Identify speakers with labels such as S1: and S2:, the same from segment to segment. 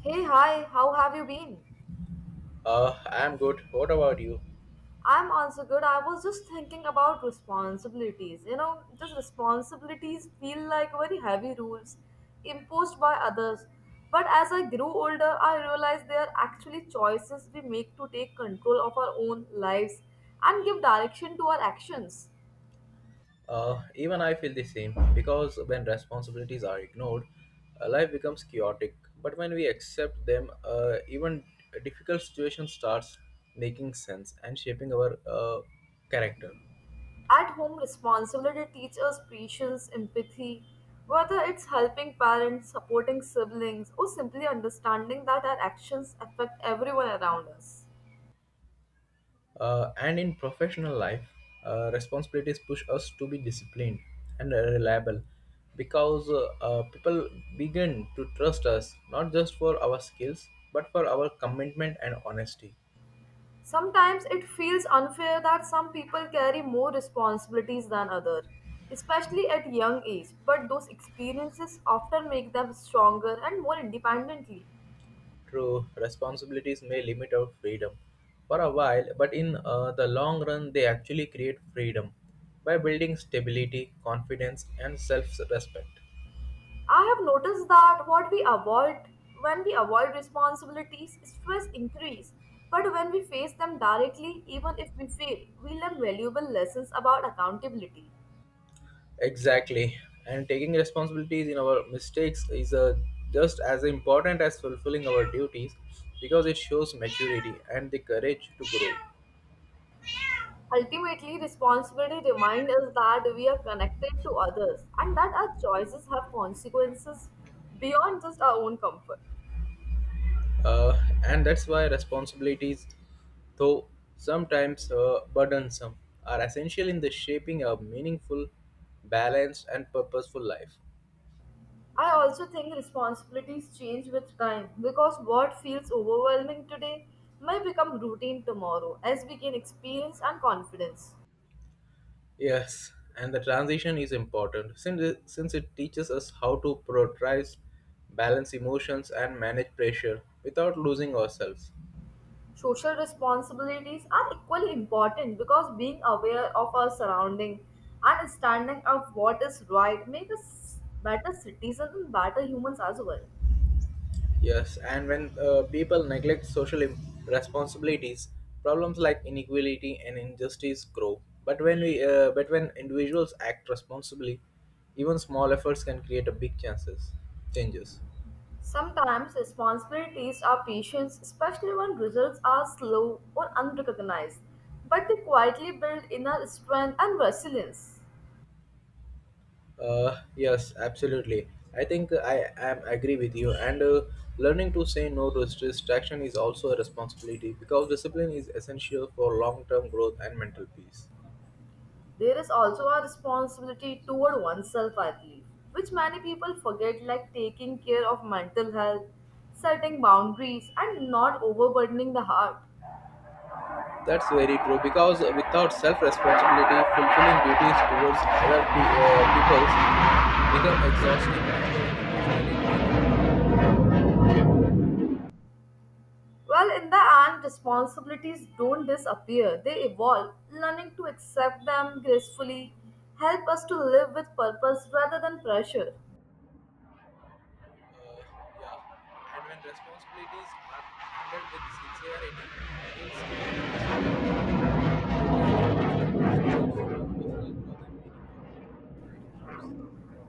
S1: Hey, hi, how have you been?
S2: I'm good. What about you?
S1: I'm also good. I was just thinking about responsibilities. You know, just responsibilities feel like very heavy rules imposed by others. But as I grew older, I realized they are actually choices we make to take control of our own lives and give direction to our actions.
S2: Even I feel the same because when responsibilities are ignored, life becomes chaotic. But when we accept them, even difficult situation starts making sense and shaping our character.
S1: At home, responsibility teaches patience, empathy, whether it's helping parents, supporting siblings, or simply understanding that our actions affect everyone around us.
S2: And in professional life, responsibilities push us to be disciplined and reliable because people begin to trust us not just for our skills but for our commitment and honesty.
S1: Sometimes it feels unfair that some people carry more responsibilities than others, especially at young age, but those experiences often make them stronger and more independently.
S2: True, responsibilities may limit our freedom for a while, but in the long run, they actually create freedom by building stability, confidence, and self respect.
S1: I have noticed that what we avoid when we avoid responsibilities, stress increase. But when we face them directly, even if we fail, we learn valuable lessons about accountability.
S2: Exactly, and taking responsibilities in our mistakes is just as important as fulfilling our duties because it shows maturity and the courage to grow.
S1: Ultimately, responsibility reminds us that we are connected to others and that our choices have consequences beyond just our own comfort.
S2: Uh, and that's why responsibilities, though sometimes burdensome, are essential in the shaping a meaningful, balanced, and purposeful life.
S1: I also think responsibilities change with time because what feels overwhelming today may become routine tomorrow as we gain experience and confidence.
S2: Yes, and the transition is important since it teaches us how to prioritize, balance emotions, and manage pressure without losing ourselves.
S1: Social responsibilities are equally important because being aware of our surrounding and standing up what is right make us better citizens and better humans as well.
S2: Yes, and when people neglect social responsibilities, problems like inequality and injustice grow. But when we, but when individuals act responsibly, even small efforts can create a big changes.
S1: Sometimes responsibilities are patience, especially when results are slow or unrecognized, but they quietly build inner strength and resilience.
S2: Yes, absolutely. I think I am agree with you. And learning to say no to distraction is also a responsibility because discipline is essential for long-term growth and mental peace.
S1: There is also a responsibility toward oneself, I believe, which many people forget, like taking care of mental health, setting boundaries, and not overburdening the heart.
S2: That's very true because without self responsibility, fulfilling duties towards peoples become exhausting and emotionally.
S1: Well, in the end, responsibilities don't disappear, they evolve. Learning to accept them gracefully help us to live with purpose rather than pressure.
S2: Yeah. And when responsibilities are handled with sincerity, it's responsibility personal growth and meaningful relationships.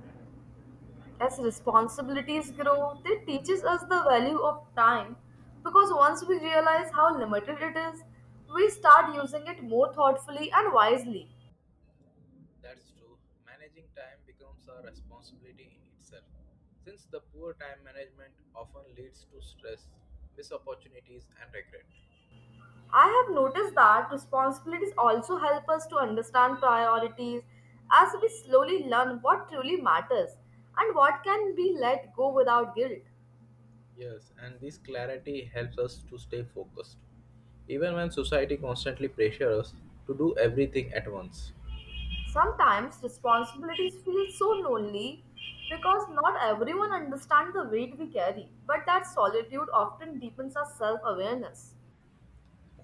S1: As responsibilities grow, it teaches us the value of time because once we realize how limited it is, we start using it more thoughtfully and wisely.
S2: That's true. Managing time becomes a responsibility in itself. Since the poor time management often leads to stress, missed opportunities, and regret.
S1: I have noticed that responsibilities also help us to understand priorities as we slowly learn what truly matters and what can be let go without guilt.
S2: Yes, and this clarity helps us to stay focused, even when society constantly pressures us to do everything at once.
S1: Sometimes responsibilities feel so lonely because not everyone understands the weight we carry, but that solitude often deepens our self awareness.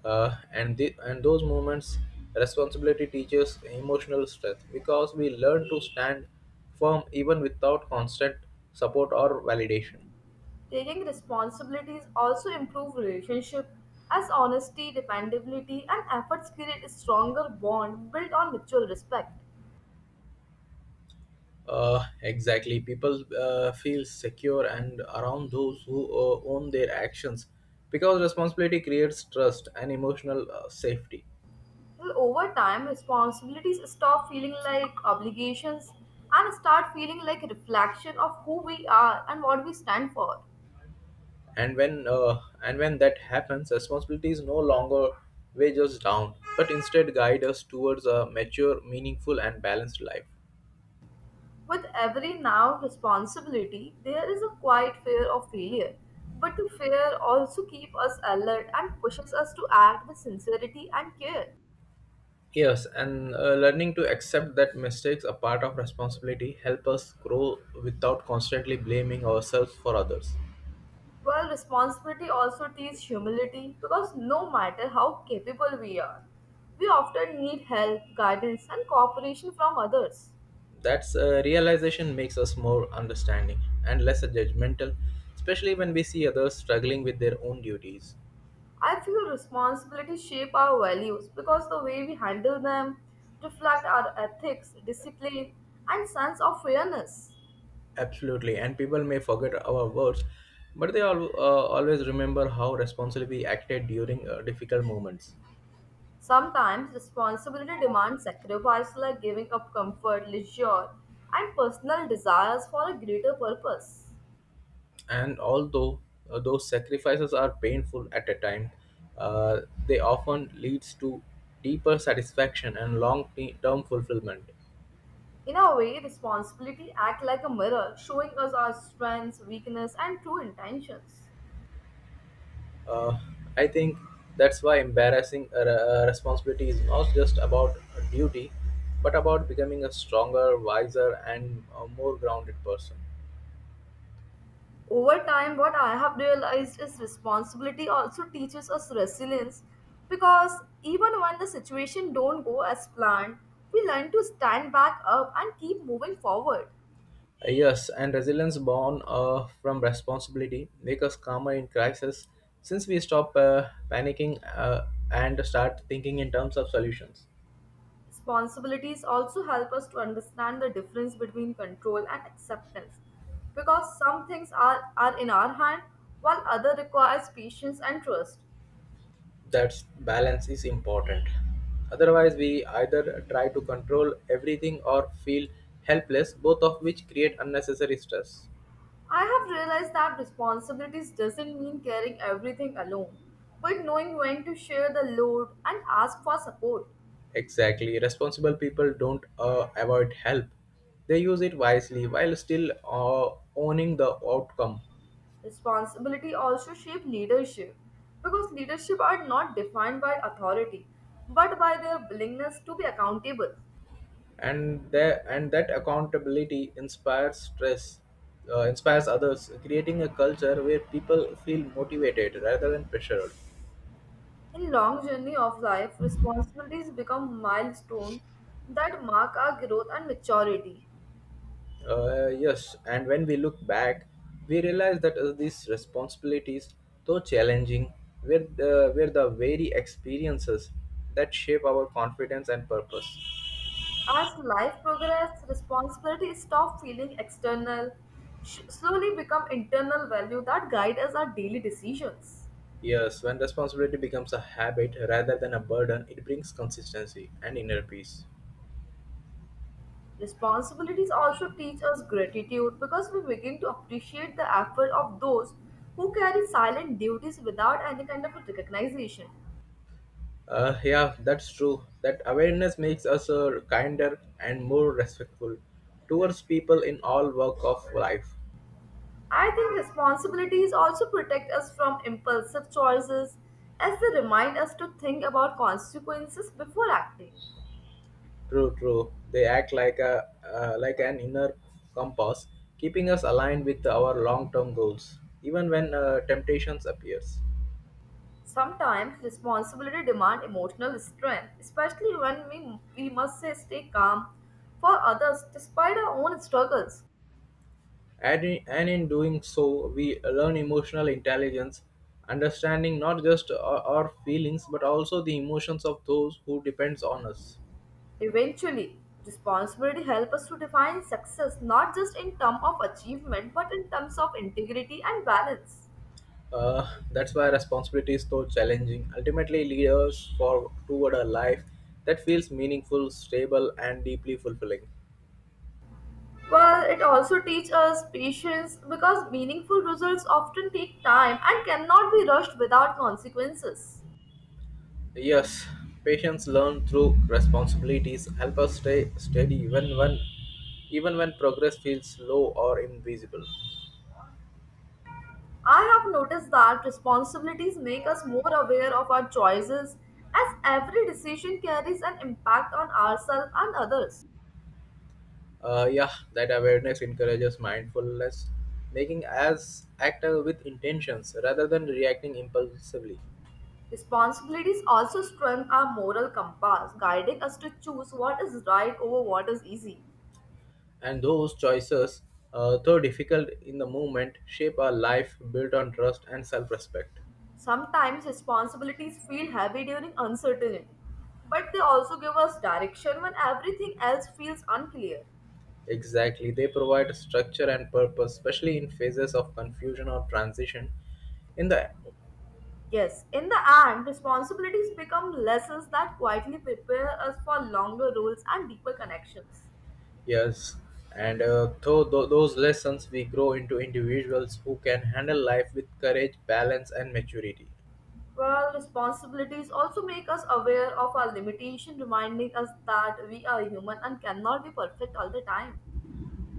S2: And the, and those moments, responsibility teaches emotional strength because we learn to stand firm even without constant support or validation.
S1: Taking responsibilities also improve relationship as honesty, dependability, and efforts create a stronger bond built on mutual respect.
S2: Exactly, people feel secure and around those who own their actions because responsibility creates trust and emotional safety.
S1: Well, over time, responsibilities stop feeling like obligations and start feeling like a reflection of who we are and what we stand for.
S2: And when that happens, responsibility is no longer weigh us down but instead guide us towards a mature, meaningful, and balanced life.
S1: With every now responsibility, there is a quiet fear of failure. But the fear also keeps us alert and pushes us to act with sincerity and care.
S2: Yes, and learning to accept that mistakes are part of responsibility help us grow without constantly blaming ourselves for others.
S1: While responsibility also teaches humility because no matter how capable we are, we often need help, guidance, and cooperation from others.
S2: That's realization makes us more understanding and less judgmental, especially when we see others struggling with their own duties.
S1: I feel responsibility shape our values because the way we handle them reflect our ethics, discipline, and sense of fairness.
S2: Absolutely, and people may forget our words, but they always remember how responsibly we acted during difficult moments.
S1: Sometimes responsibility demands sacrifice like giving up comfort, leisure, and personal desires for a greater purpose.
S2: And although those sacrifices are painful at a time, they often leads to deeper satisfaction and long-term fulfillment.
S1: In a way, responsibility acts like a mirror, showing us our strengths, weakness, and true intentions.
S2: Uh, I think that's why embarrassing responsibility is not just about duty, but about becoming a stronger, wiser, and more grounded person.
S1: Over time, what I have realized is responsibility also teaches us resilience because even when the situation don't go as planned, we learn to stand back up and keep moving forward.
S2: Yes, and resilience born from responsibility make us calmer in crisis since we stop panicking and start thinking in terms of solutions.
S1: Responsibilities also help us to understand the difference between control and acceptance because some things are in our hand while other requires patience and trust.
S2: That balance is important. Otherwise, we either try to control everything or feel helpless, both of which create unnecessary stress.
S1: I have realized that responsibilities doesn't mean carrying everything alone, but knowing when to share the load and ask for support.
S2: Exactly. Responsible people don't avoid help, they use it wisely while still owning the outcome.
S1: Responsibility also shape leadership because leadership are not defined by authority but by their willingness to be accountable.
S2: And that accountability inspires others, creating a culture where people feel motivated rather than pressured.
S1: In long journey of life, responsibilities become milestones that mark our growth and maturity.
S2: Uh, yes, and when we look back, we realize that these responsibilities, though challenging, were the very experiences that shape our confidence and purpose.
S1: As life progresses, responsibilities stop feeling external, slowly become internal value that guide us our daily decisions.
S2: Yes, when responsibility becomes a habit rather than a burden, it brings consistency and inner peace.
S1: Responsibilities also teach us gratitude because we begin to appreciate the effort of those who carry silent duties without any kind of recognition.
S2: Yeah, that's true. That awareness makes us kinder and more respectful towards people in all walk of life.
S1: I think responsibilities also protect us from impulsive choices as they remind us to think about consequences before acting.
S2: True, true. They act like a like an inner compass, keeping us aligned with our long-term goals, even when temptations appears.
S1: Sometimes responsibility demand emotional strength, especially when we must say stay calm for others despite our own struggles.
S2: And in doing so, we learn emotional intelligence, understanding not just our feelings but also the emotions of those who depends on us.
S1: Eventually, responsibility helps us to define success not just in terms of achievement but in terms of integrity and balance.
S2: That's why responsibility is so challenging. Ultimately, leaders for toward a life that feels meaningful, stable, and deeply fulfilling.
S1: Well, it also teaches us patience because meaningful results often take time and cannot be rushed without consequences.
S2: Yes, patience learned through responsibilities help us stay steady even when progress feels slow or invisible.
S1: I have noticed that responsibilities make us more aware of our choices as every decision carries an impact on ourselves and others.
S2: Yeah, that awareness encourages mindfulness, making us act with intentions rather than reacting impulsively.
S1: Responsibilities also strengthen our moral compass, guiding us to choose what is right over what is easy.
S2: And those choices, though difficult in the moment, shape a life built on trust and self respect.
S1: Sometimes responsibilities feel heavy during uncertainty, but they also give us direction when everything else feels unclear.
S2: Exactly, they provide structure and purpose, especially in phases of confusion or transition. In the
S1: Yes, in the end, responsibilities become lessons that quietly prepare us for longer roles and deeper connections.
S2: yes, and though those lessons we grow into individuals who can handle life with courage, balance, and maturity.
S1: Well, responsibilities also make us aware of our limitation, reminding us that we are human and cannot be perfect all the time.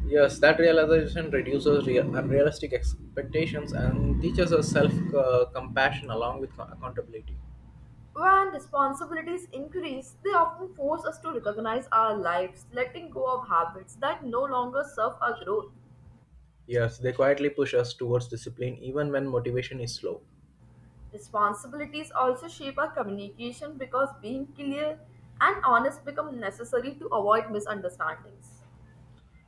S2: Yes, that realization reduces real, unrealistic expectations and teaches us self compassion along with accountability.
S1: When responsibilities increase, they often force us to recognize our lives, letting go of habits that no longer serve our growth.
S2: Yes, they quietly push us towards discipline even when motivation is slow.
S1: Responsibilities also shape our communication because being clear and honest become necessary to avoid misunderstandings.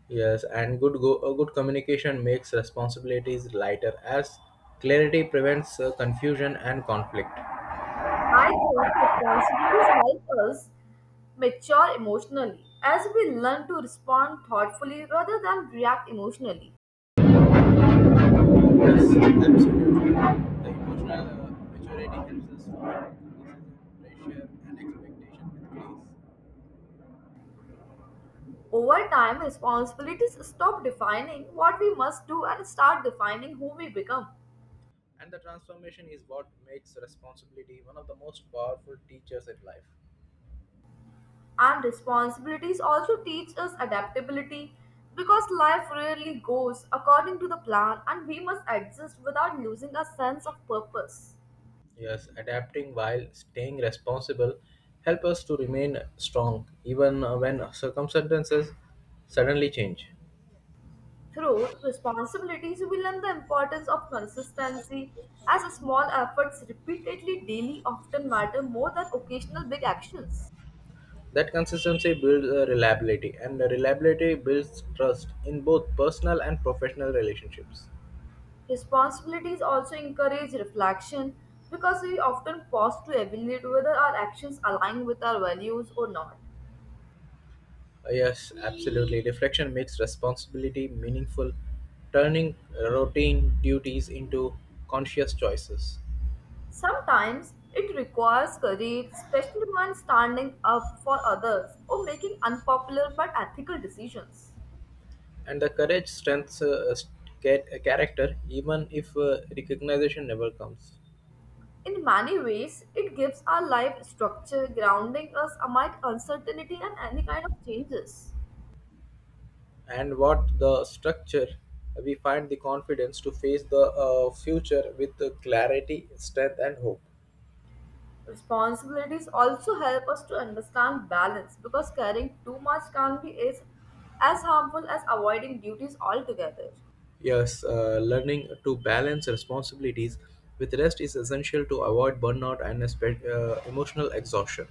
S2: Yes, and a good communication makes responsibilities lighter as clarity prevents confusion and conflict.
S1: I think responsibilities help us mature emotionally as we learn to respond thoughtfully rather than react emotionally.
S2: Yes, absolutely. The emotional maturity helps us to handle criticism, pressure, and expectation with grace.
S1: Over time, responsibilities stop defining what we must do and start defining who we become.
S2: And the transformation is what makes responsibility one of the most powerful teachers in life.
S1: And responsibilities also teach us adaptability because life rarely goes according to the plan and we must adjust without losing our sense of purpose.
S2: Yes, adapting while staying responsible help us to remain strong even when circumstances suddenly change.
S1: Through responsibilities, we learn the importance of consistency as small efforts repeatedly daily often matter more than occasional big actions.
S2: That consistency builds reliability, and reliability builds trust in both personal and professional relationships.
S1: Responsibilities also encourage reflection because we often pause to evaluate whether our actions align with our values or not.
S2: Yes, absolutely. Reflection makes responsibility meaningful, turning routine duties into conscious choices.
S1: Sometimes it requires courage, especially when standing up for others or making unpopular but ethical decisions.
S2: And the courage strengthens character even if recognition never comes.
S1: In many ways, it gives our life structure, grounding us amid uncertainty and any kind of changes.
S2: And what the structure we find the confidence to face the future with the clarity, strength, and hope.
S1: Responsibilities also help us to understand balance because carrying too much can be as harmful as avoiding duties altogether.
S2: Yes, learning to balance responsibilities with rest is essential to avoid burnout and emotional exhaustion.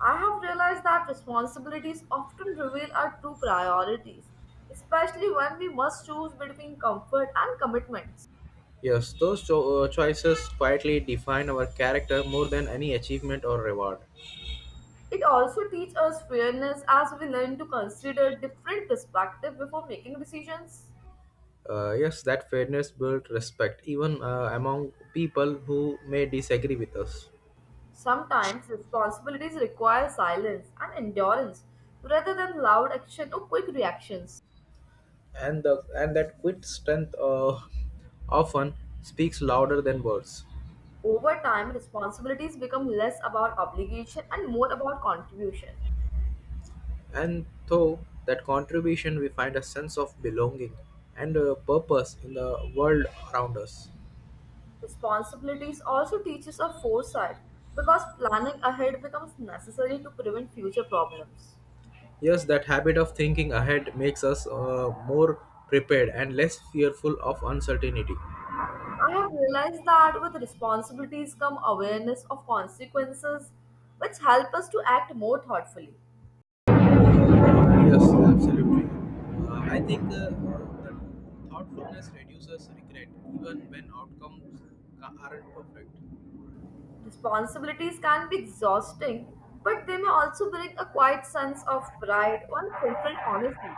S1: I have realized that responsibilities often reveal our true priorities, especially when we must choose between comfort and commitments.
S2: Yes, those choices quietly define our character more than any achievement or reward.
S1: It also teaches us fairness as we learn to consider different perspectives before making decisions.
S2: Uh, yes, that fairness built respect even among people who may disagree with us.
S1: Sometimes responsibilities require silence and endurance rather than loud action or quick reactions.
S2: And that quick strength often speaks louder than words.
S1: Over time, responsibilities become less about obligation and more about contribution.
S2: And through that contribution, we find a sense of belonging and purpose in the world around us.
S1: Responsibilities also teaches us foresight because planning ahead becomes necessary to prevent future problems.
S2: Yes, that habit of thinking ahead makes us more prepared and less fearful of uncertainty.
S1: I have realized that with responsibilities come awareness of consequences, which help us to act more thoughtfully.
S2: Uh, yes, absolutely. I think that thoughtfulness reduces regret even when outcomes aren't perfect.
S1: Responsibilities can be exhausting, but they may also bring a quiet sense of pride when fulfilled honestly.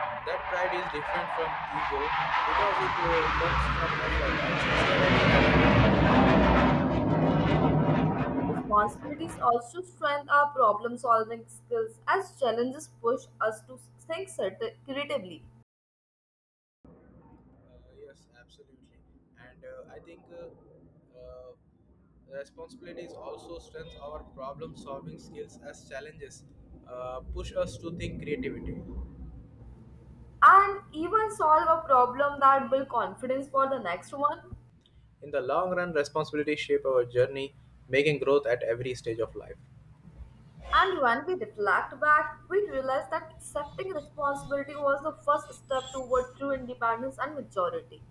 S2: That pride is different from ego because it comes from effort.
S1: Responsibilities also strengthen our problem solving skills as challenges push us to think certain creatively.
S2: Yes, absolutely. And I think responsibilities also strengthens our problem solving skills as challenges push us to think creativity.
S1: And even solve a problem that build confidence for the next one.
S2: In the long run, responsibilities shape our journey, making growth at every stage of life.
S1: And when we reflect back, we realize that accepting responsibility was the first step toward true independence and maturity.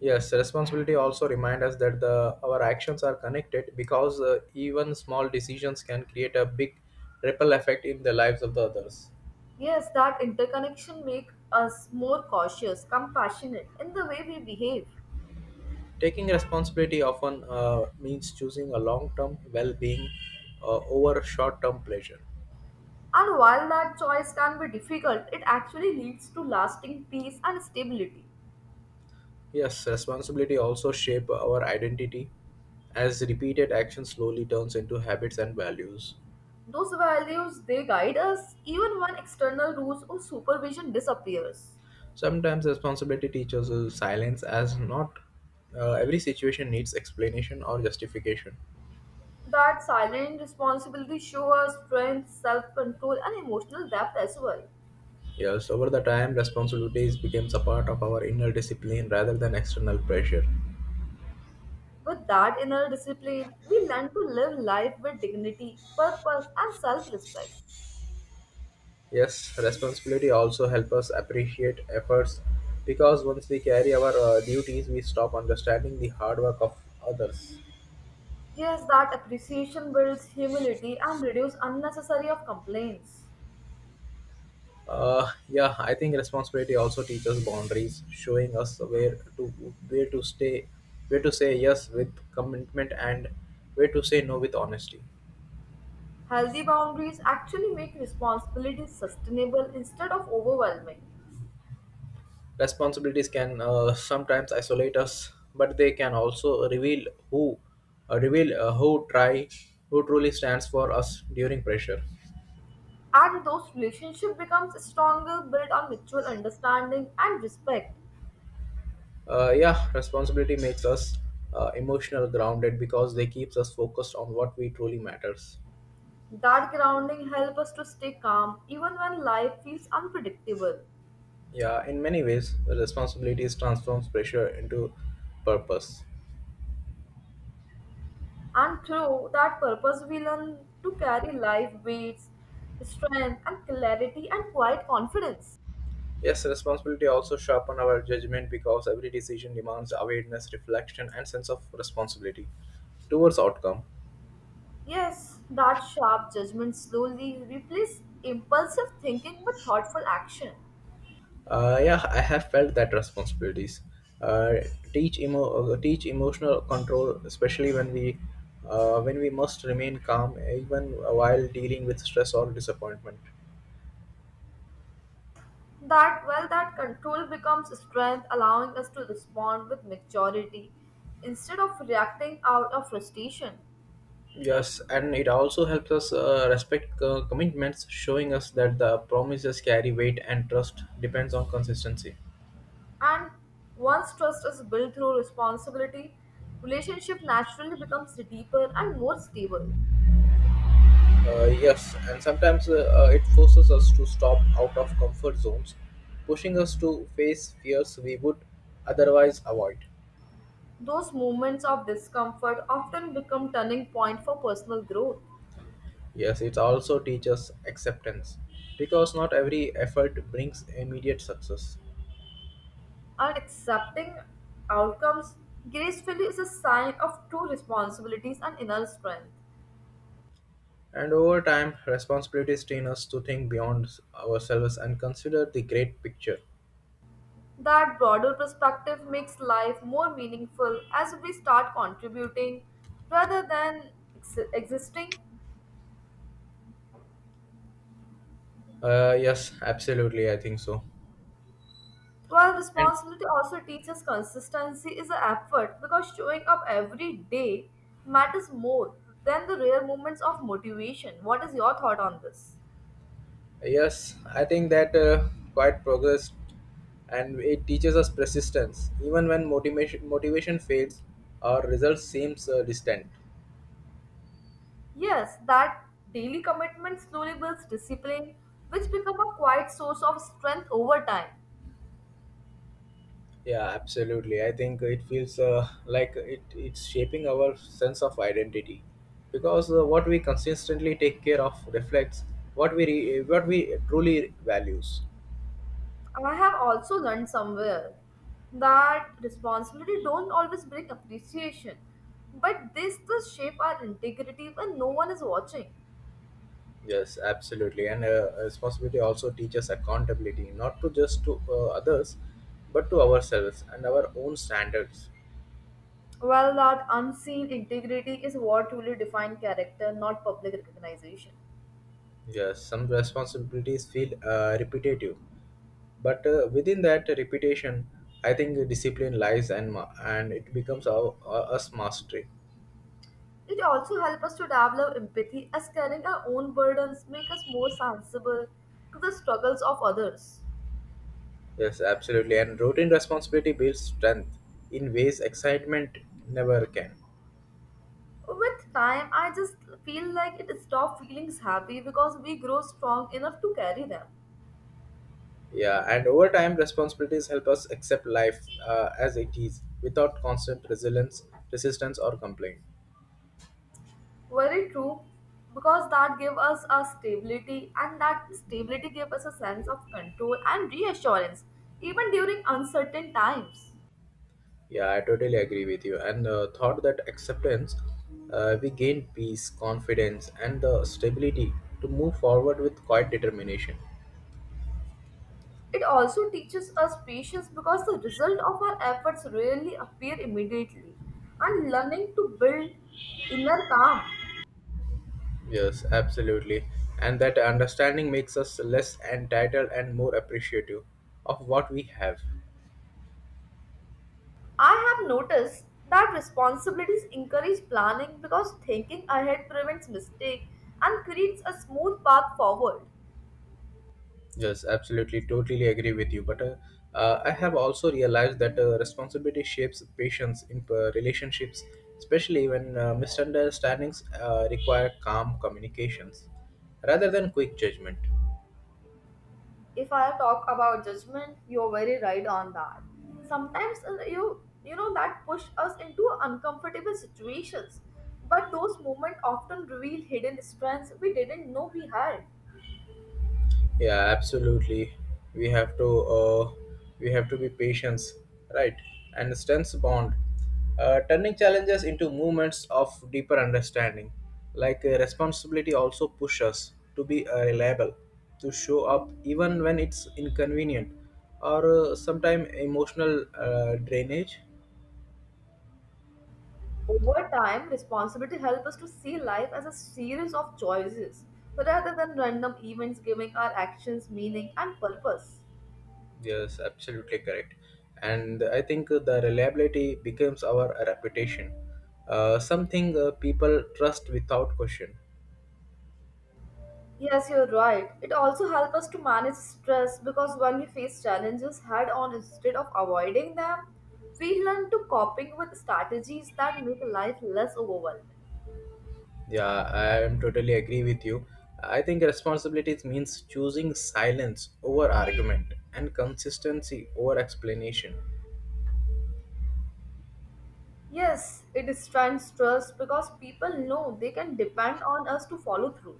S2: Yes, responsibility also remind us that the our actions are connected because even small decisions can create a big ripple effect in the lives of the others.
S1: Yes, that interconnection make us more cautious, compassionate in the way we behave.
S2: Taking responsibility often means choosing a long-term well-being over short-term pleasure.
S1: And while that choice can be difficult, it actually leads to lasting peace and stability.
S2: Yes, responsibility also shape our identity as repeated action slowly turns into habits and values.
S1: Those values they guide us even when external rules or supervision disappears.
S2: Sometimes responsibility teaches us silence as not every situation needs explanation or justification.
S1: That silent responsibility show us strength, self-control, and emotional depth as well.
S2: Yes, over the time, responsibilities becomes a part of our inner discipline rather than external pressure.
S1: With that inner discipline, we learn to live life with dignity, purpose, and self-respect.
S2: Yes, responsibility also helps us appreciate efforts because once we carry our duties, we stop understanding the hard work of others.
S1: Yes, that appreciation builds humility and reduces unnecessary of complaints.
S2: Yeah, I think responsibility also teaches boundaries, showing us where to stay, where to say yes with commitment and where to say no with honesty.
S1: Healthy boundaries actually make responsibilities sustainable instead of overwhelming.
S2: Responsibilities can sometimes isolate us, but they can also who reveal who try who truly stands for us during pressure.
S1: And those relationships becomes stronger built on mutual understanding and respect.
S2: Yeah, responsibility makes us emotional grounded because they keeps us focused on what we truly matters.
S1: That grounding helps us to stay calm even when life feels unpredictable.
S2: Yeah, in many ways, responsibilities transforms pressure into purpose.
S1: And through that purpose, we learn to carry life weights, strength, and clarity and quiet confidence.
S2: Yes, responsibility also sharpen our judgment because every decision demands awareness, reflection, and sense of responsibility towards outcome.
S1: Yes, that sharp judgment slowly replaces impulsive thinking with thoughtful action.
S2: Yeah, I have felt that responsibilities. Uh, Teach emotional control, especially when we must remain calm even while dealing with stress or disappointment.
S1: That control becomes strength, allowing us to respond with maturity instead of reacting out of frustration.
S2: Yes, and it also helps us respect commitments, showing us that the promises carry weight and trust depends on consistency.
S1: And once trust is built through responsibility, relationship naturally becomes deeper and more stable.
S2: Yes, and sometimes it forces us to stop out of comfort zones, pushing us to face fears we would otherwise avoid.
S1: Those moments of discomfort often become turning point for personal growth.
S2: Yes, it also teaches acceptance because not every effort brings immediate success.
S1: And accepting outcomes gracefully is a sign of true responsibilities and inner strength.
S2: And over time, responsibilities train us to think beyond ourselves and consider the great picture.
S1: That broader perspective makes life more meaningful as we start contributing rather than existing.
S2: Yes, absolutely, I think so.
S1: Well,
S2: And
S1: responsibility also teaches consistency is an effort because showing up every day matters more than the rare moments of motivation. What is your thought on this?
S2: yes, I think that quite progress, and it teaches us persistence even when motivation fades or results seems distant.
S1: Yes, that daily commitment slowly builds discipline, which become a quiet source of strength over time.
S2: Yeah, absolutely. I think it feels like it's shaping our sense of identity because what we consistently take care of reflects what we truly values.
S1: I have also learned somewhere that responsibility don't always bring appreciation, but they still shape our integrity when no one is watching.
S2: Yes, absolutely. And responsibility also teaches accountability, not to just to others, but to ourselves and our own standards.
S1: Well, that unseen integrity is what truly defines character, not public recognition.
S2: Yes, some responsibilities feel repetitive, but within that repetition I think the discipline lies and it becomes our us mastery.
S1: It also helps us to develop empathy as carrying our own burdens make us more sensible to the struggles of others.
S2: Yes, absolutely, and routine responsibility builds strength in ways excitement never can.
S1: With time, I just feel like it stops feelings happy because we grow strong enough to carry them.
S2: Yeah, and over time responsibilities help us accept life as it is without constant resilience resistance or complaint.
S1: Very true, because that gives us a stability, and that stability gives us a sense of control and reassurance, even during uncertain times.
S2: Yeah, I totally agree with you, and thought that acceptance, we gain peace, confidence, and the stability to move forward with quiet determination.
S1: It also teaches us patience because the result of our efforts rarely appear immediately and learning to build inner calm.
S2: Yes, absolutely. And that understanding makes us less entitled and more appreciative of what we have.
S1: I have noticed that responsibilities encourage planning because thinking ahead prevents mistake and creates a smooth path forward.
S2: Yes, absolutely. Totally agree with you. But I have also realized that responsibility shapes patience in relationships, especially when misunderstandings require calm communications rather than quick judgment.
S1: If I talk about judgment, you're very right on that. Sometimes you know that push us into uncomfortable situations, but those moments often reveal hidden strengths we didn't know we had.
S2: Yeah, absolutely. We have to uh, we have to be patient, right? And strengths bond, turning challenges into moments of deeper understanding. Like responsibility also pushes us to be reliable, to show up even when it's inconvenient, or sometimes emotional drainage.
S1: Over time, responsibility helps us to see life as a series of choices rather than random events giving our actions meaning and purpose.
S2: Yes, absolutely correct. And I think the reliability becomes our reputation, something people trust without question.
S1: Yes, you're right. It also helps us to manage stress because when we face challenges head on instead of avoiding them, we learn to coping with strategies that make life less overwhelming.
S2: Yeah, I am totally agree with you. I think responsibilities means choosing silence over argument and consistency over explanation.
S1: Yes, it strengthens trust because people know they can depend on us to follow through.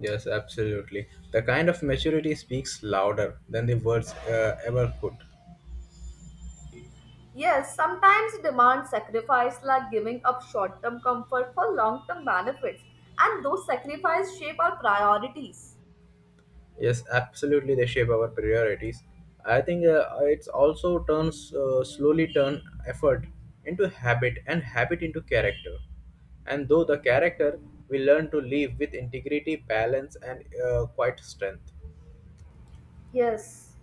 S2: Yes, absolutely. The kind of maturity speaks louder than the words ever could.
S1: Yes, sometimes it demands sacrifice like giving up short term comfort for long term benefits, and those sacrifices shape our priorities.
S2: Yes, absolutely. They shape our priorities. I think it's also turns slowly turn effort into habit and habit into character. And though the character, we learn to live with integrity, balance, and quite strength.
S1: Yes,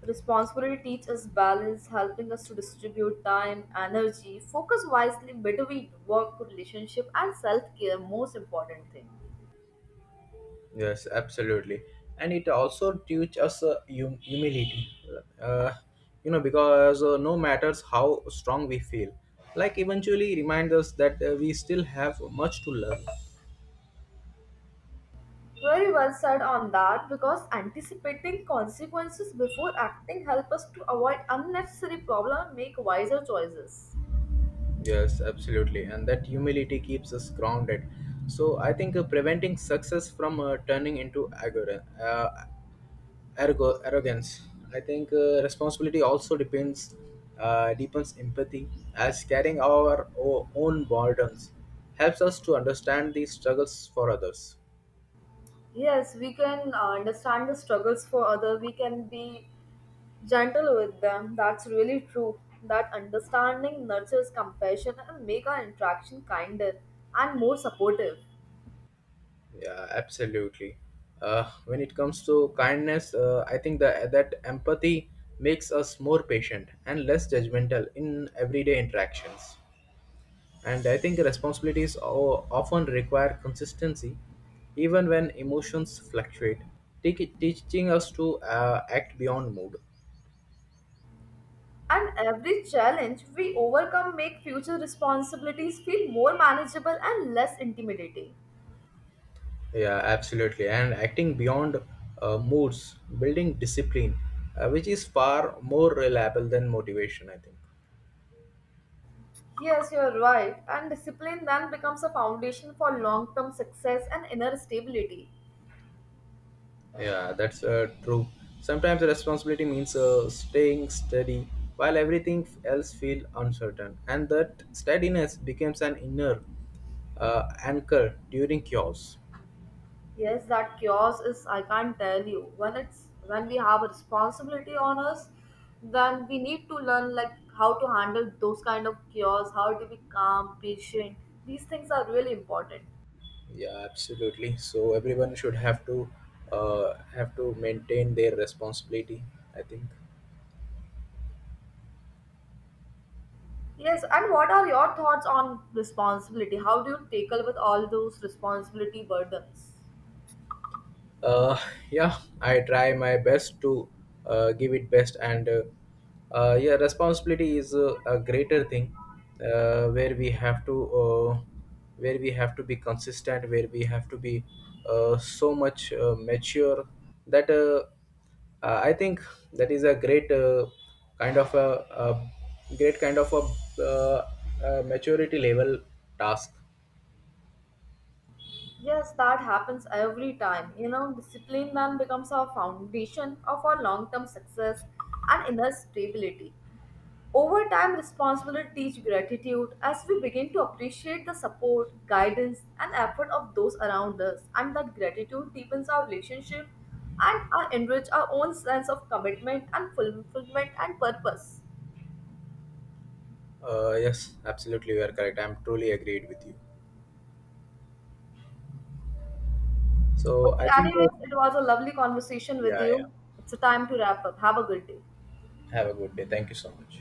S1: responsibility teaches balance, helping us to distribute time, energy, focus wisely between work, relationship, and self care, most important thing.
S2: Yes, absolutely, and it also teach us humility. Uh, you know, because no matters how strong we feel, like eventually reminds us that we still have much to learn.
S1: Very well said on that because anticipating consequences before acting help us to avoid unnecessary problems and make wiser choices.
S2: Yes, absolutely, and that humility keeps us grounded. So I think preventing success from turning into arrogance. I think responsibility also depends deepens empathy as carrying our own burdens helps us to understand the struggles for others.
S1: Yes, we can understand the struggles for other. We can be gentle with them. That's really true. That understanding nurtures compassion and make our interaction kinder and more supportive.
S2: Yeah, absolutely. When it comes to kindness, I think that empathy makes us more patient and less judgmental in everyday interactions. And I think responsibilities often require consistency even when emotions fluctuate. Teaching us to act beyond mood.
S1: And every challenge we overcome make future responsibilities feel more manageable and less intimidating.
S2: Yeah, absolutely, and acting beyond moods building discipline, which is far more reliable than motivation, I think.
S1: Yes, you're right. And discipline then becomes a foundation for long-term success and inner stability.
S2: Yeah, that's true. Sometimes responsibility means staying steady while everything else feels uncertain, and that steadiness becomes an inner anchor during chaos.
S1: Yes, that chaos is, I can't tell you. When it's when we have a responsibility on us, then we need to learn like how to handle those kind of chaos, how to be calm, patient. These things are really important.
S2: Yeah, absolutely. So everyone should have to maintain their responsibility, I think.
S1: Yes, and what are your thoughts on responsibility? How do you tackle with all those responsibility burdens?
S2: uh, yeah, I try my best to give it best, and yeah, responsibility is a greater thing uh, where we have to uh, where we have to be consistent, where we have to be so much mature, that I think that is a great kind of a, a great kind of a maturity level task.
S1: Yes, that happens every time. You know, discipline then becomes our foundation of our long term success and inner stability. Over time, responsibility teach gratitude as we begin to appreciate the support, guidance, and effort of those around us, and that gratitude deepens our relationship and enrich our own sense of commitment and fulfillment and purpose.
S2: Yes, absolutely, you are correct, I'm truly agreed with you. So
S1: Okay,
S2: I think,
S1: anyways, it was a lovely conversation with
S2: yeah, yeah.
S1: you. It's a time to wrap up. Have a good day.
S2: Have a good day. Thank you so much.